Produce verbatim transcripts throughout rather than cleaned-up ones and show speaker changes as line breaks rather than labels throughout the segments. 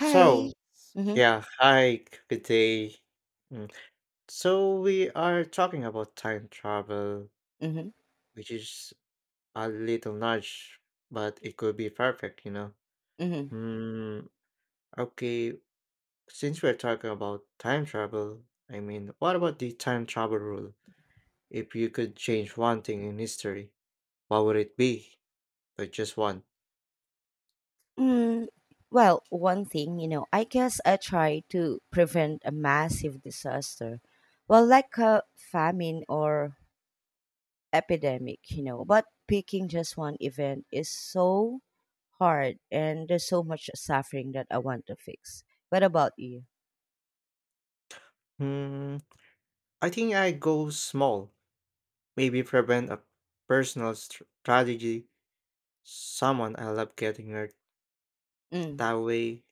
Hi.
So,
Mhm.
yeah, hi, good day. Mm. So, we are talking about time travel,
Mhm.
which is a little nudge, but it could be perfect, you know.
Mhm.
Hmm, okay, since we're talking about time travel, I mean, what about the time travel rule? If you could change one thing in history, what would it be? But just one.
Mm, well, one thing, you know, I guess I try to prevent a massive disaster. Well, like a famine or epidemic, you know, but picking just one event is so hard and there's so much suffering that I want to fix. What about you?
Hmm, I think I go small, maybe prevent a personal str- tragedy, someone I love getting hurt
Mm.
that way.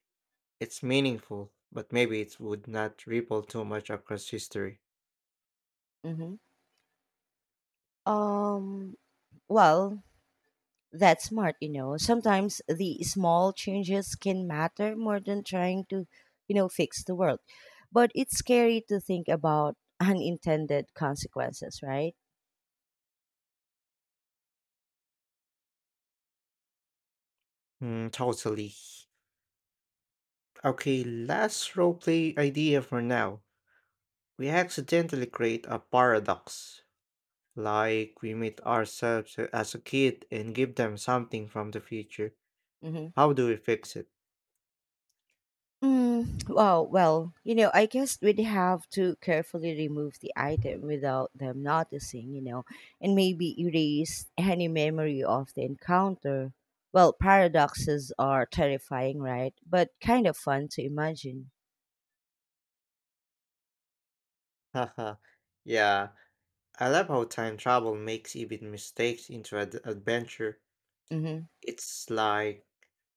It's meaningful, but maybe it would not ripple too much across history.
Mhm. Um well, That's smart, you know. Sometimes the small changes can matter more than trying to, you know, fix the world. But it's scary to think about unintended consequences, right?
Mm, totally. Okay, last roleplay idea for now. We accidentally create a paradox. Like we meet ourselves as a kid and give them something from the future.
Mm-hmm.
How do we fix it?
Mm, well, well, you know, I guess we'd have to carefully remove the item without them noticing, you know, and maybe erase any memory of the encounter. Well, paradoxes are terrifying, right? But kind of fun to imagine.
Haha, yeah, I love how time travel makes even mistakes into an adventure. It's like,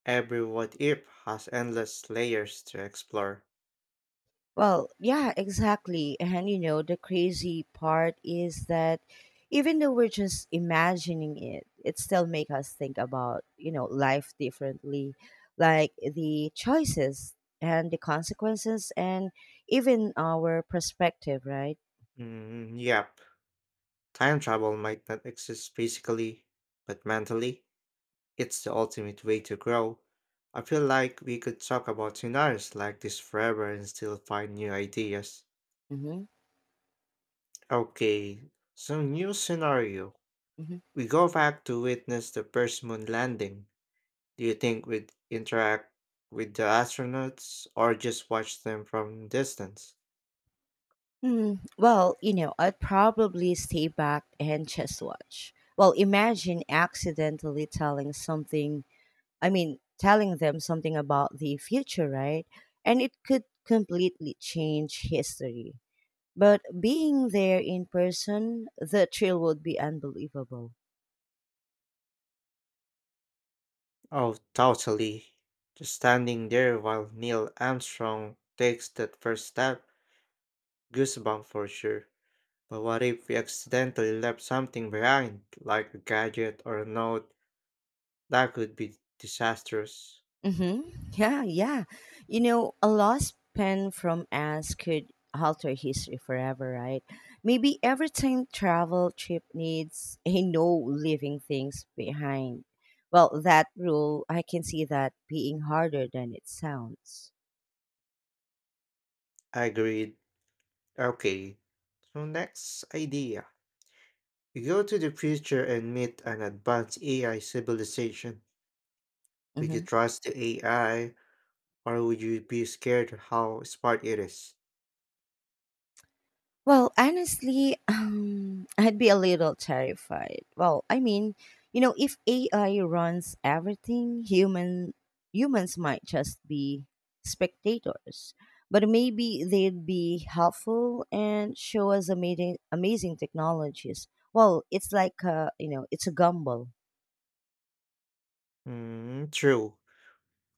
every what if has endless layers to explore.
Well, yeah, exactly. And you know, the crazy part is that even though we're just imagining it, it still make us think about, you know, life differently, like the choices and the consequences and even our perspective, right?
Mm, yep, time travel might not exist physically, but mentally, it's the ultimate way to grow. I feel like we could talk about scenarios like this forever and still find new ideas.
Mm-hmm.
Okay, so new scenario.
Mm-hmm.
We go back to witness the first moon landing. Do you think we'd interact with the astronauts or just watch them from distance?
Hmm. Well, you know, I'd probably stay back and just watch. Well, imagine accidentally telling something I mean, telling them something about the future, right? And it could completely change history. But being there in person, the thrill would be unbelievable.
Oh, totally. Just standing there while Neil Armstrong takes that first step, goosebump for sure. But what if we accidentally left something behind, like a gadget or a note? That could be disastrous.
Mm-hmm. Yeah, yeah. You know, a lost pen from us could alter history forever, right? Maybe every time travel trip needs a no leaving things behind. Well, that rule, I can see that being harder than it sounds.
I agreed. Okay, so next idea. We go to the future and meet an advanced A I civilization. Would you
Mhm.
trust the A I, or would you be scared how smart it is?
Well, honestly, um, I'd be a little terrified. Well, I mean, you know, if A I runs everything, human humans might just be spectators. But maybe they'd be helpful and show us amazing, amazing technologies. Well, it's like a, you know, it's a gamble.
Hmm, true.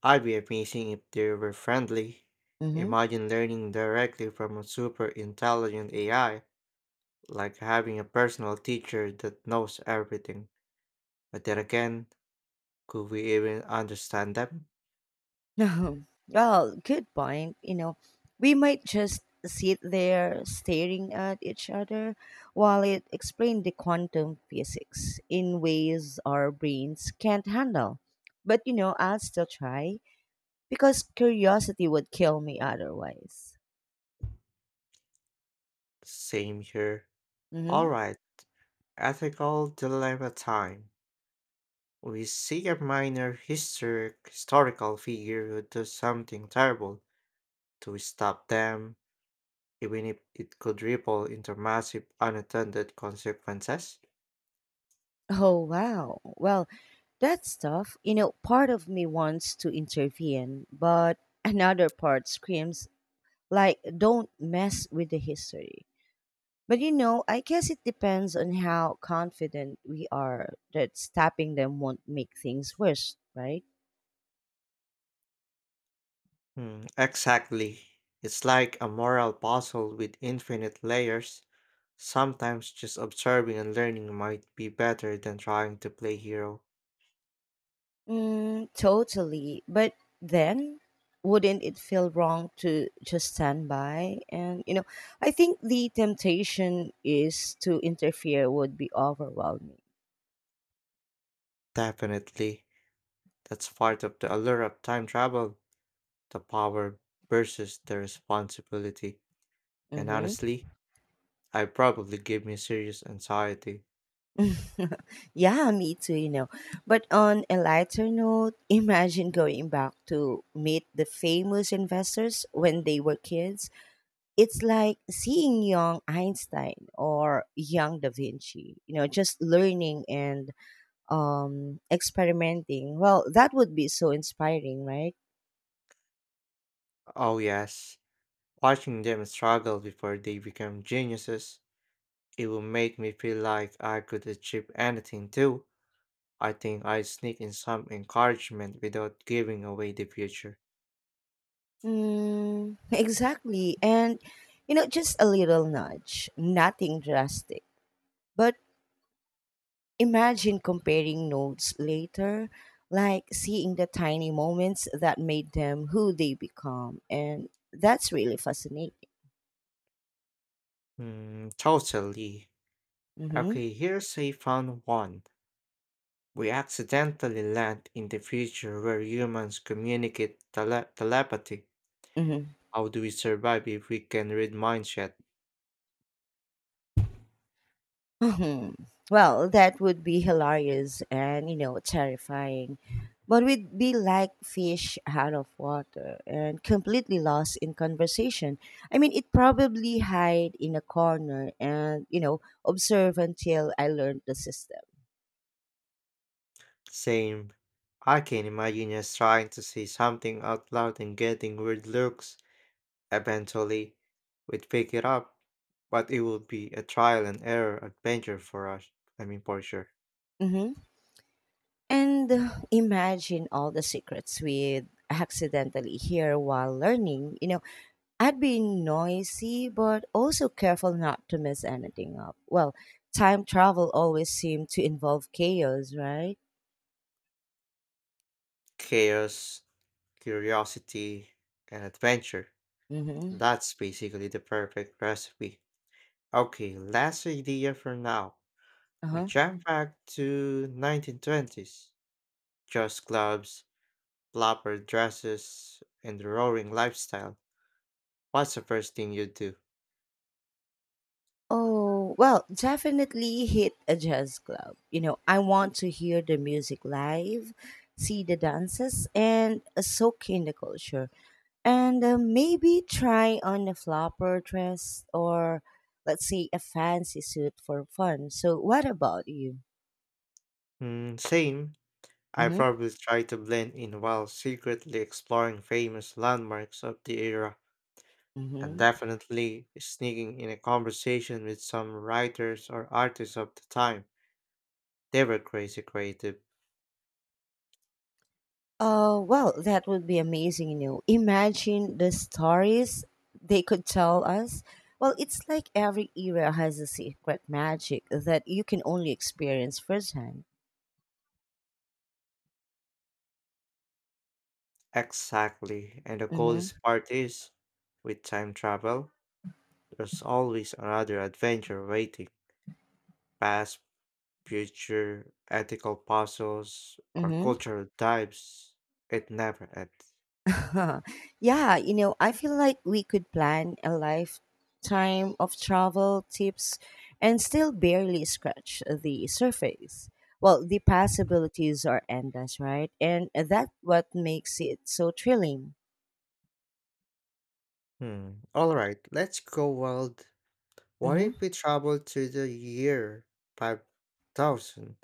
I'd be amazing if they were friendly. Imagine learning directly from a super intelligent A I, like having a personal teacher that knows everything. But then again, could we even understand them?
Mm-hmm. Well, good point. You know, we might just sit there staring at each other while it explained the quantum physics in ways our brains can't handle. But you know, I'll still try because curiosity would kill me otherwise.
Same here.
Mm-hmm.
Alright, ethical dilemma time. We see a minor historic historical figure who does something terrible. Do we stop them, even if it could ripple into massive unattended consequences?
Oh wow. Well, that stuff, you know, part of me wants to intervene, but another part screams like don't mess with the history. But you know, I guess it depends on how confident we are that stopping them won't make things worse, right?
Hmm, exactly. It's like a moral puzzle with infinite layers. Sometimes just observing and learning might be better than trying to play hero.
Mm, totally. But then, wouldn't it feel wrong to just stand by? And, you know, I think the temptation is to interfere would be overwhelming.
Definitely. That's part of the allure of time travel, the power versus the responsibility. And
Mm-hmm.
honestly, I probably give me serious anxiety.
Yeah, me too, you know. But on a lighter note, imagine going back to meet the famous investors when they were kids. It's like seeing young Einstein or young Da Vinci, you know, just learning and um, experimenting. Well, that would be so inspiring, right?
Oh yes. Watching them struggle before they become geniuses, it will make me feel like I could achieve anything too. I think I sneak in some encouragement without giving away the future.
Mm, exactly. And, you know, just a little nudge, nothing drastic. But imagine comparing notes later, like seeing the tiny moments that made them who they become. And that's really fascinating.
Hmm, totally.
Mm-hmm.
Okay, here's a fun one. We accidentally land in the future where humans communicate tele- telepathy.
Mm-hmm.
How do we survive if we can read minds yet?
Mhm. Well, that would be hilarious and, you know, terrifying. But we'd be like fish out of water and completely lost in conversation. I mean, it probably hide in a corner and, you know, observe until I learned the system.
Same. I can imagine us trying to say something out loud and getting weird looks. Eventually, we'd pick it up, but it would be a trial and error adventure for us. I mean, for sure.
Mm-hmm. And uh, imagine all the secrets we accidentally hear while learning. You know, I'd be noisy, but also careful not to mess anything up. Well, time travel always seemed to involve chaos, right?
Chaos, curiosity, and adventure.
Mm-hmm.
That's basically the perfect recipe. Okay, last idea for now. We
Uh-huh.
jump back to nineteen twenties. Just clubs, flapper dresses, and the roaring lifestyle. What's the first thing you do?
Oh, well, definitely hit a jazz club. You know, I want to hear the music live, see the dances, and uh, soak in the culture. And uh, maybe try on a flopper dress or, let's say, a fancy suit for fun. So, what about you?
Hmm, same. I
Mm-hmm.
probably tried to blend in while secretly exploring famous landmarks of the era, and
Mm-hmm.
definitely sneaking in a conversation with some writers or artists of the time. They were crazy creative.
Oh, well, that would be amazing, you know. Imagine the stories they could tell us. Well, it's like every era has a secret magic that you can only experience firsthand.
Exactly. And the coolest
Mm-hmm.
part is, with time travel, there's always another adventure waiting. Past, future, ethical puzzles, or cultural dives. It never ends.
Mm-hmm. Yeah, you know, I feel like we could plan a lifetime of travel tips and still barely scratch the surface. Well, the possibilities are endless, right? And that's what makes it so thrilling.
Hmm. All right, let's go wild. What
Mm-hmm.
if we traveled to the year five thousand?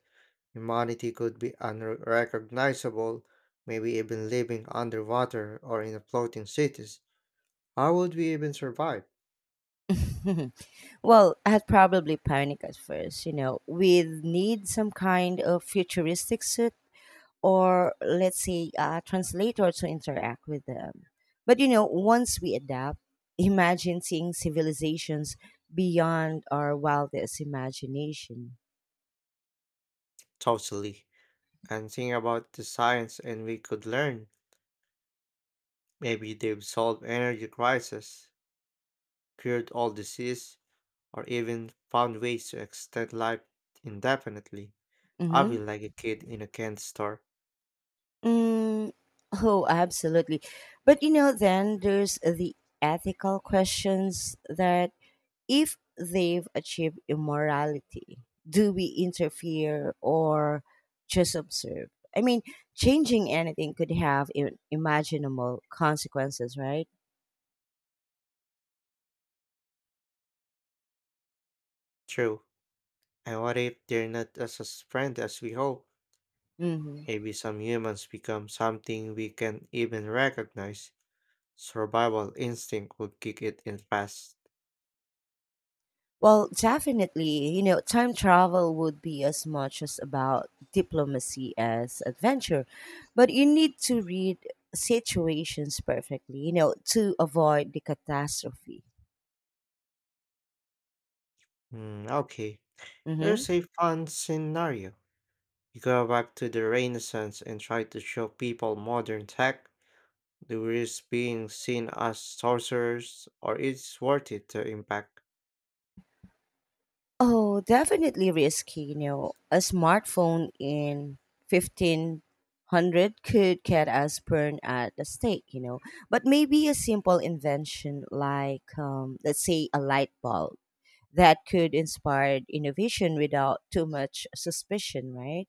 Humanity could be unrecognizable, maybe even living underwater or in floating cities. How would we even survive?
Well, I'd probably panic at first, you know. We'd need some kind of futuristic suit or, let's say, a translator to interact with them. But, you know, once we adapt, imagine seeing civilizations beyond our wildest imagination.
Totally. And think about the science and we could learn. Maybe they've solved energy crisis, cured all disease, or even found ways to extend life indefinitely. I
Mm-hmm.
feel like a kid in a candy store.
Mm, oh, absolutely. But, you know, then there's the ethical questions that if they've achieved immorality? Do we interfere or just observe? I mean, changing anything could have im- imaginable consequences, right?
True. And what if they're not as a friend as we hope?
Hmm.
Maybe some humans become something we can even recognize. Survival instinct would kick it in fast.
Well, definitely, you know, time travel would be as much as about diplomacy as adventure, but you need to read situations perfectly, you know, to avoid the catastrophe.
Hmm, okay. Here's
Hmm.
a fun scenario. You go back to the Renaissance and try to show people modern tech. Do we risk being seen as sorcerers, or is worth it to impact?
Oh, definitely risky. You know, a smartphone in fifteen hundred could get us burned at the stake, you know. But maybe a simple invention like, um, let's say, a light bulb that could inspire innovation without too much suspicion, right?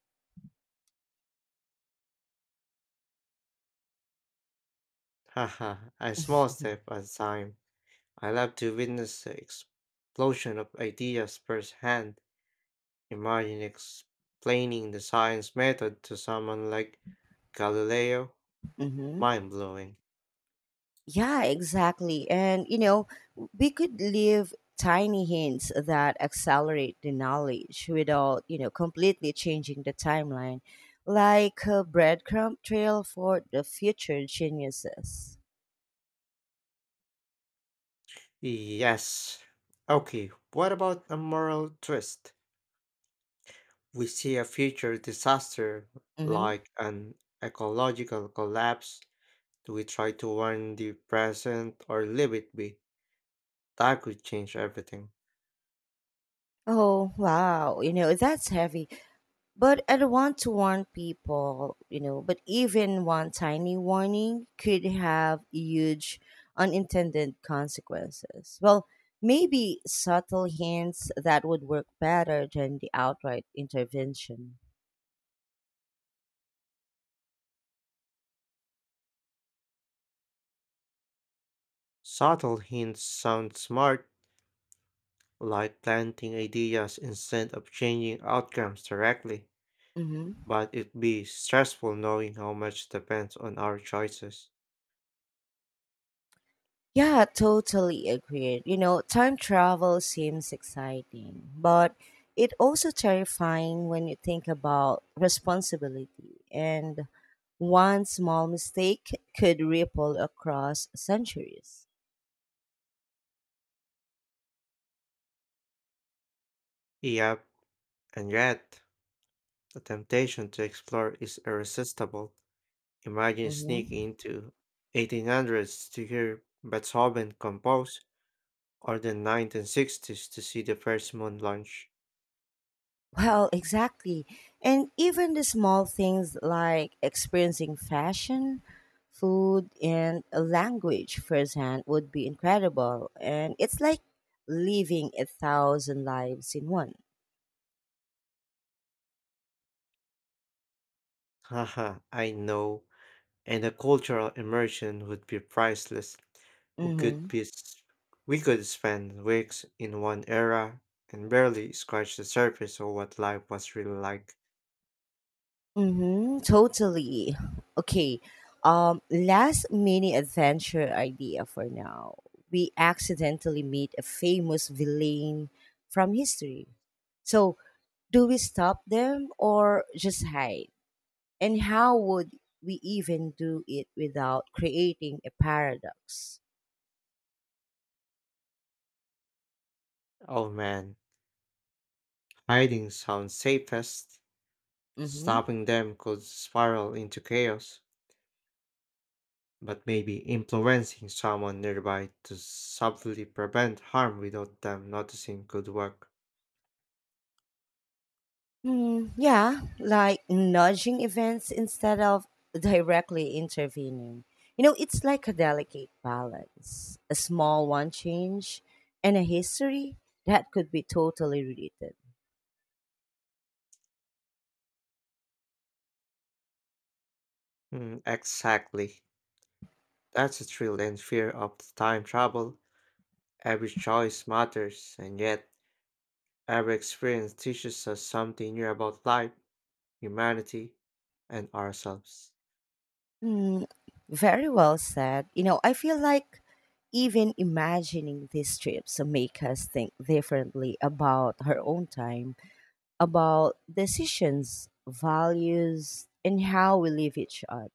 Haha, a small step at a time. I love to witness the explosion of ideas firsthand. Imagine explaining the science method to someone like Galileo.
Mm-hmm.
Mind blowing.
Yeah, exactly. And, you know, we could leave tiny hints that accelerate the knowledge without, you know, completely changing the timeline, like a breadcrumb trail for the future geniuses.
Yes. Okay, what about a moral twist? We see a future disaster
Hmm.
like an ecological collapse. Do we try to warn the present or leave it be? That could change everything.
Oh, wow. You know, that's heavy. But I don't want to warn people, you know, but even one tiny warning could have huge unintended consequences. Well, maybe subtle hints that would work better than the outright intervention.
Subtle hints sound smart, like planting ideas instead of changing outcomes directly,
Hmm.
but it'd be stressful knowing how much depends on our choices.
Yeah, totally agreed. You know, time travel seems exciting, but it also terrifying when you think about responsibility and one small mistake could ripple across centuries.
Yep, and yet, the temptation to explore is irresistible. Imagine sneaking
Mm-hmm.
into eighteen hundreds to hear Beethoven compose, or the nineteen sixties to see the first moon launch.
Well, exactly. And even the small things like experiencing fashion, food, and a language firsthand would be incredible. And it's like living a thousand lives in one.
Haha, I know. And the cultural immersion would be priceless. We
Mm-hmm.
could be, s- we could spend weeks in one era and barely scratch the surface of what life was really like.
Mm-hmm. Totally. Okay. Um, last mini adventure idea for now. We accidentally meet a famous villain from history. So do we stop them or just hide? And how would we even do it without creating a paradox?
Oh man, hiding sounds safest.
Mm-hmm.
Stopping them could spiral into chaos, but maybe influencing someone nearby to subtly prevent harm without them noticing could work.
Mm, yeah, like nudging events instead of directly intervening. You know, it's like a delicate balance. A small one change and a history that could be totally related.
Mm, exactly. That's the thrill and fear of the time travel. Every choice matters, and yet every experience teaches us something new about life, humanity, and ourselves.
Mm, very well said. You know, I feel like even imagining these trips make us think differently about our own time about decisions, values, and how we live each other.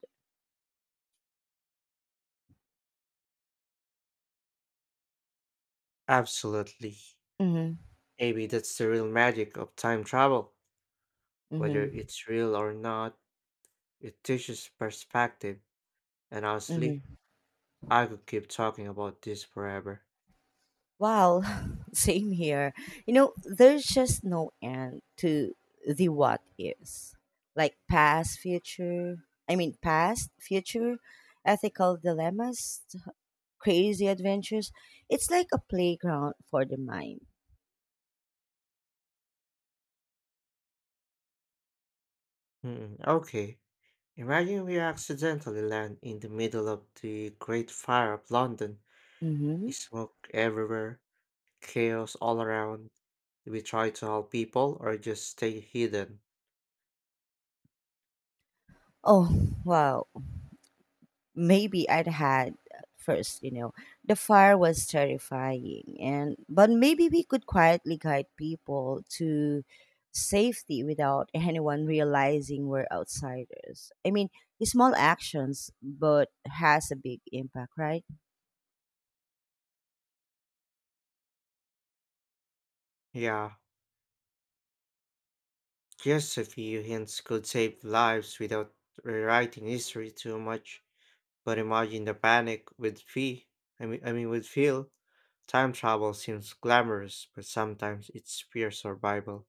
Absolutely.
Mm-hmm.
Maybe that's the real magic of time travel. Whether
Mm-hmm.
it's real or not, it teaches perspective, and honestly,
Mm-hmm.
I could keep talking about this forever.
Well, same here. You know, there's just no end to the what is. Like past, future, I mean, past, future, ethical dilemmas, crazy adventures. It's like a playground for the mind.
Hmm, okay. Imagine we accidentally land in the middle of the Great Fire of London.
Mm-hmm.
Smoke everywhere, chaos all around. Do we try to help people or just stay hidden?
Oh, wow. Maybe I'd had at first, you know. The fire was terrifying and but maybe we could quietly guide people to safety without anyone realizing we're outsiders. I mean, small actions but has a big impact, right?
Yeah, just a few hints could save lives without rewriting history too much. But imagine the panic with fee. I mean, I mean with Phil. Time travel seems glamorous, but sometimes it's pure survival.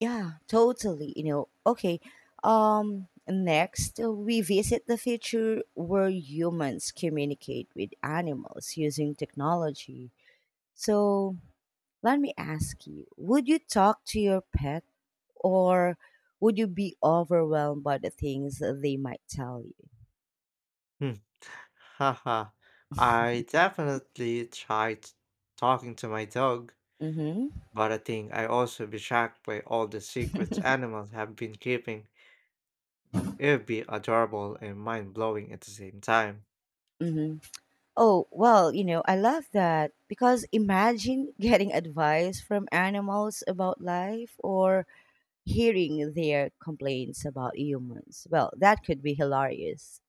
Yeah, totally. You know, okay. Um next uh, we visit the future where humans communicate with animals using technology. So let me ask you, would you talk to your pet or would you be overwhelmed by the things they might tell you?
Hmm. Haha. I definitely tried talking to my dog,
Mhm.
but I think I also be shocked by all the secrets animals have been keeping. It would be adorable and mind blowing at the same time.
Mhm. Oh, well, you know, I love that because imagine getting advice from animals about life or hearing their complaints about humans. Well, that could be hilarious.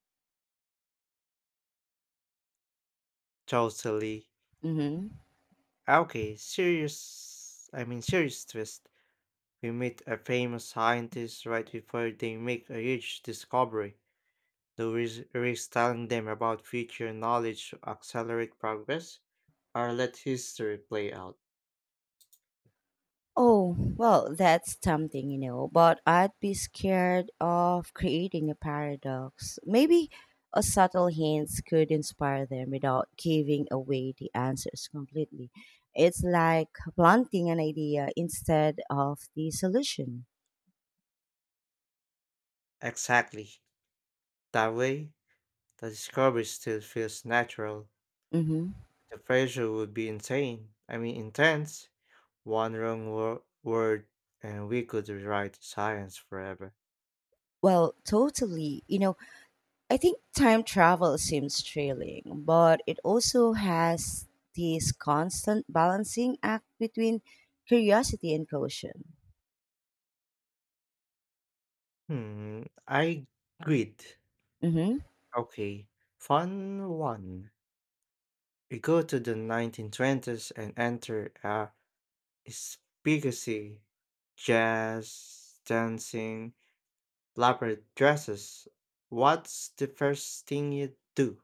Totally.
Mhm.
Okay, serious. I mean, serious twist. We meet a famous scientist right before they make a huge discovery. Do we s- risk telling them about future knowledge to accelerate progress or let history play out?
Oh, well, that's tempting, you know, but I'd be scared of creating a paradox. Maybe a subtle hint could inspire them without giving away the answers completely. It's like planting an idea instead of the solution.
Exactly. That way, the discovery still feels natural.
Mm-hmm.
The pressure would be insane. I mean, intense. One wrong wo- word and we could rewrite science forever.
Well, totally. You know, I think time travel seems thrilling, but it also has this constant balancing act between curiosity and caution.
Hmm, I agreed.
Mm-hmm.
Okay, fun one. We go to the nineteen twenties and enter a spigacy, jazz, dancing, elaborate dresses. What's the first thing you do?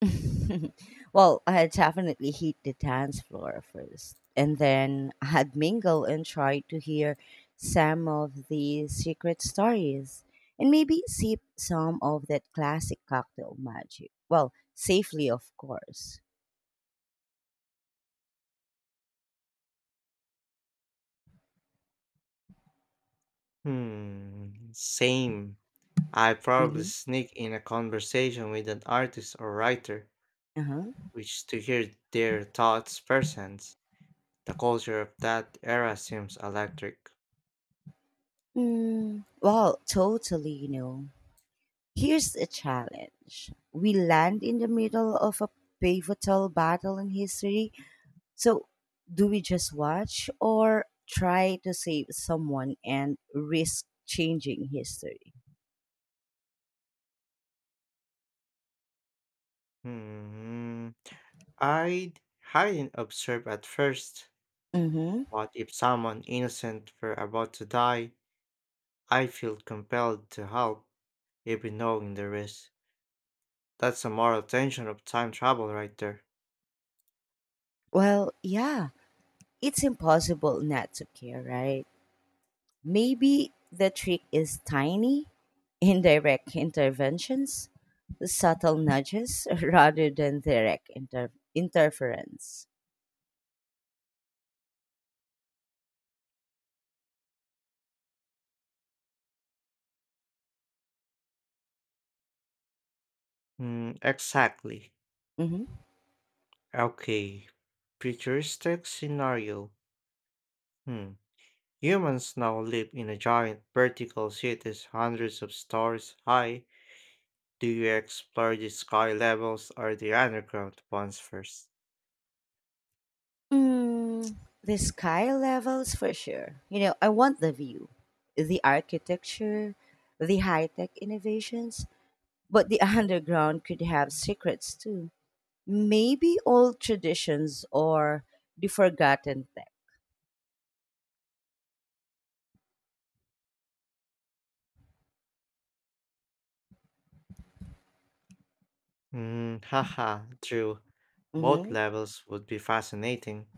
Well, I had definitely hit the dance floor first, and then I had mingle and tried to hear some of the secret stories, and maybe sip some of that classic cocktail magic. Well, safely, of course.
Hmm, same. I probably
Mm-hmm.
sneak in a conversation with an artist or writer,
Uh-huh.
which to hear their thoughts firsthand. The culture of that era seems electric.
Mm, well, totally, you know. Here's a challenge. We land in the middle of a pivotal battle in history. So, do we just watch or try to save someone and risk changing history?
Hmm, I'd hide and observe at first.
Mm-hmm.
But if someone innocent were about to die, I feel compelled to help, even knowing the risk. That's a moral tension of time travel right there.
Well, yeah, it's impossible not to care, right? Maybe the trick is tiny, indirect interventions, subtle nudges rather than direct inter- interference.
Mm, exactly.
Hmm.
Okay. Futuristic scenario. Hmm. Humans now live in a giant vertical cities hundreds of stories high. Do you explore the sky levels or the underground ones first?
Mm, the sky levels for sure. You know, I want the view, the architecture, the high tech innovations, but the underground could have secrets too. Maybe old traditions or the forgotten tech.
Hmm, haha, true. Both
Hmm.
levels would be fascinating.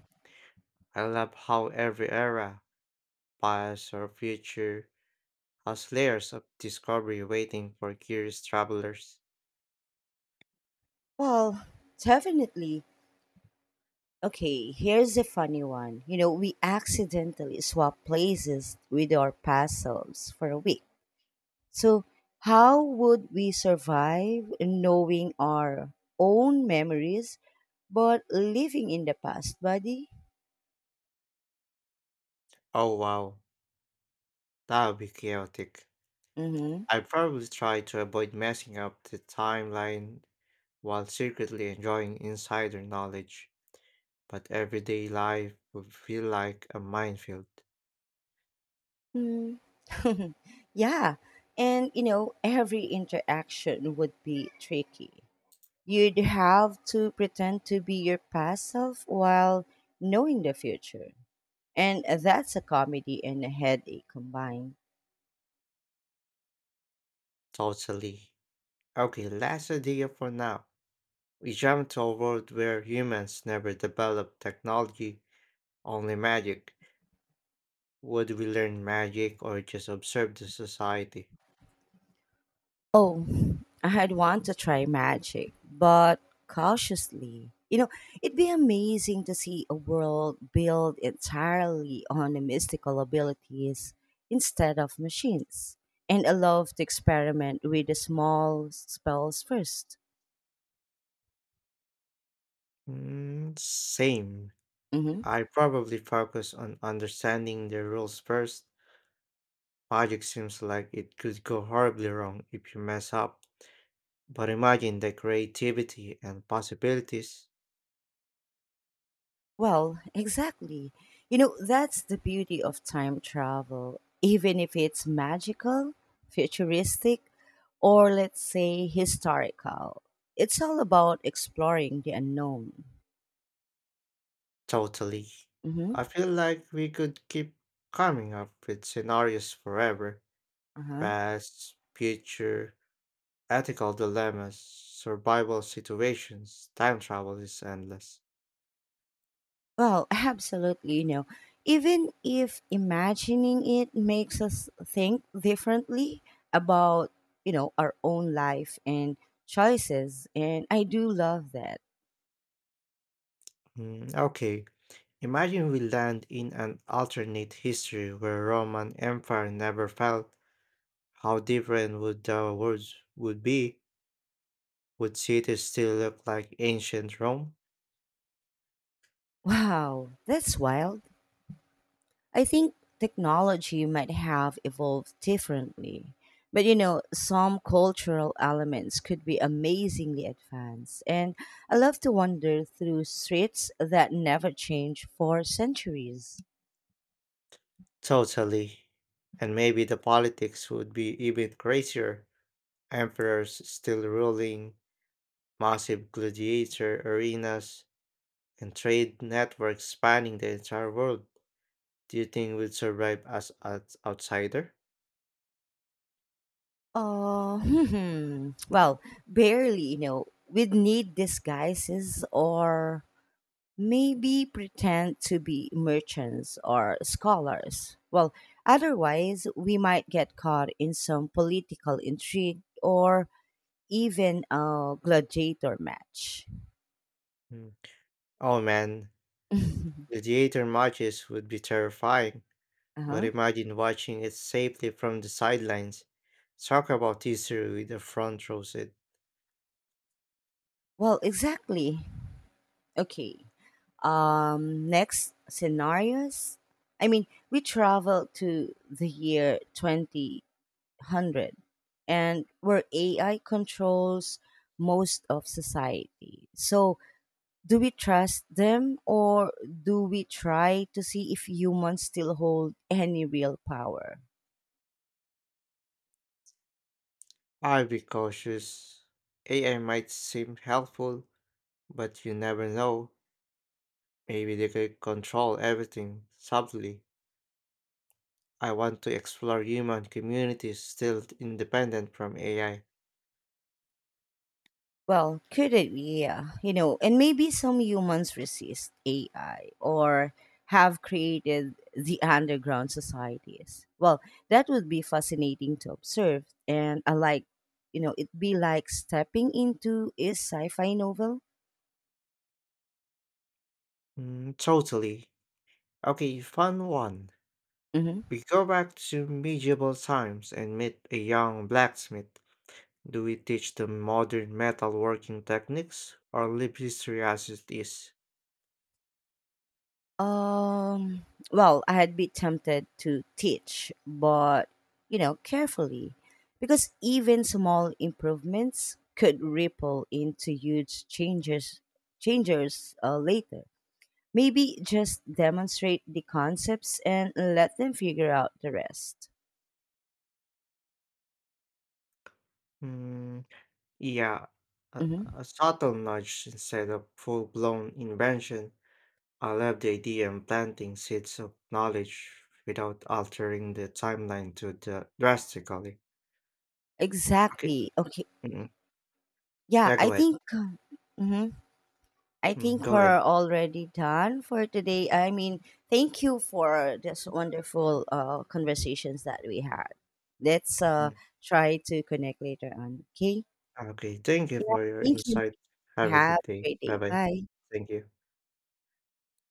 I love how every era, past or future, has layers of discovery waiting for curious travelers.
Well, definitely. Okay, here's a funny one. You know, we accidentally swap places with our past selves for a week. So, how would we survive knowing our own memories but living in the past, buddy?
Oh wow, that would be chaotic.
Mm-hmm.
I probably try to avoid messing up the timeline while secretly enjoying insider knowledge, but everyday life would feel like a minefield.
Mm. Yeah. And, you know, every interaction would be tricky. You'd have to pretend to be your past self while knowing the future. And uh, that's a comedy and a headache combined.
Totally. Okay, last idea for now. We jump to a world where humans never develop technology, only magic. Would we learn magic or just observe the society?
Oh, I had want to try magic, but cautiously. You know, it'd be amazing to see a world built entirely on the mystical abilities instead of machines. And I love to experiment with the small spells first.
Mm, same. I probably focus on understanding the rules first. Magic seems like it could go horribly wrong if you mess up. But imagine the creativity and possibilities.
Well, exactly. You know, that's the beauty of time travel. Even if it's magical, futuristic, or let's say historical, it's all about exploring the unknown.
Totally.
Mm-hmm.
I feel like we could keep coming up with scenarios forever.
Uh-huh.
Past, future, ethical dilemmas, survival situations, time travel is endless.
Well, absolutely. You know, even if imagining it makes us think differently about, you know, our own life and choices, and I do love that.
Hmm. Okay, imagine we land in an alternate history where Roman Empire never fell. How different would the world would be? Would cities still look like ancient Rome?
Wow, that's wild. I think technology might have evolved differently. But you know, some cultural elements could be amazingly advanced. And I love to wander through streets that never change for centuries.
Totally. And maybe the politics would be even crazier. Emperors still ruling, massive gladiator arenas, and trade networks spanning the entire world. Do you think we'd survive as an outsider?
Uh, hmm, well, barely, you know, we'd need disguises or maybe pretend to be merchants or scholars. Well, otherwise, we might get caught in some political intrigue or even a gladiator match.
Mm. Oh man,
Uh-huh.
gladiator matches would be terrifying, but imagine watching it safely from the sidelines. Talk about history with a front row seat.
Well, exactly. Okay. Um, next scenarios. I mean, We travel to the year two thousand and where A I controls most of society. So do we trust them or do we try to see if humans still hold any real power?
I'd be cautious. A I might seem helpful, but you never know. Maybe they could control everything subtly. I want to explore human communities still independent from A I.
Well, could it be? Yeah, you know, and maybe some humans resist A I or have created the underground societies. Well, that would be fascinating to observe, and I like, you know, it'd be like stepping into a sci-fi novel.
Mm, totally. Okay, fun one.
Mhm.
We go back to medieval times and meet a young blacksmith. Do we teach them modern metalworking techniques or leave history as it is?
Um, well, I had been tempted to teach, but you know, carefully, because even small improvements could ripple into huge changes changers uh, later. Maybe just demonstrate the concepts and let them figure out the rest.
Mm, yeah, a,
Mm-hmm.
a subtle nudge instead of full blown invention. I love the idea of planting seeds of knowledge without altering the timeline too the drastically. Okay.
Exactly. Okay.
Mm.
Yeah,
Yeah,
I
go ahead.
think. uh, Mm-hmm. I
Mm,
think
go ahead.
we're already done for today. I mean, thank you for this wonderful uh, conversations that we had. Let's uh,
Mm.
try to connect later on. Okay.
Okay. Thank you
Yeah.
for your
Thank you.
insight. Have a
Have
good
a
day.
great
Bye
day.
bye.
Bye.
Thank you.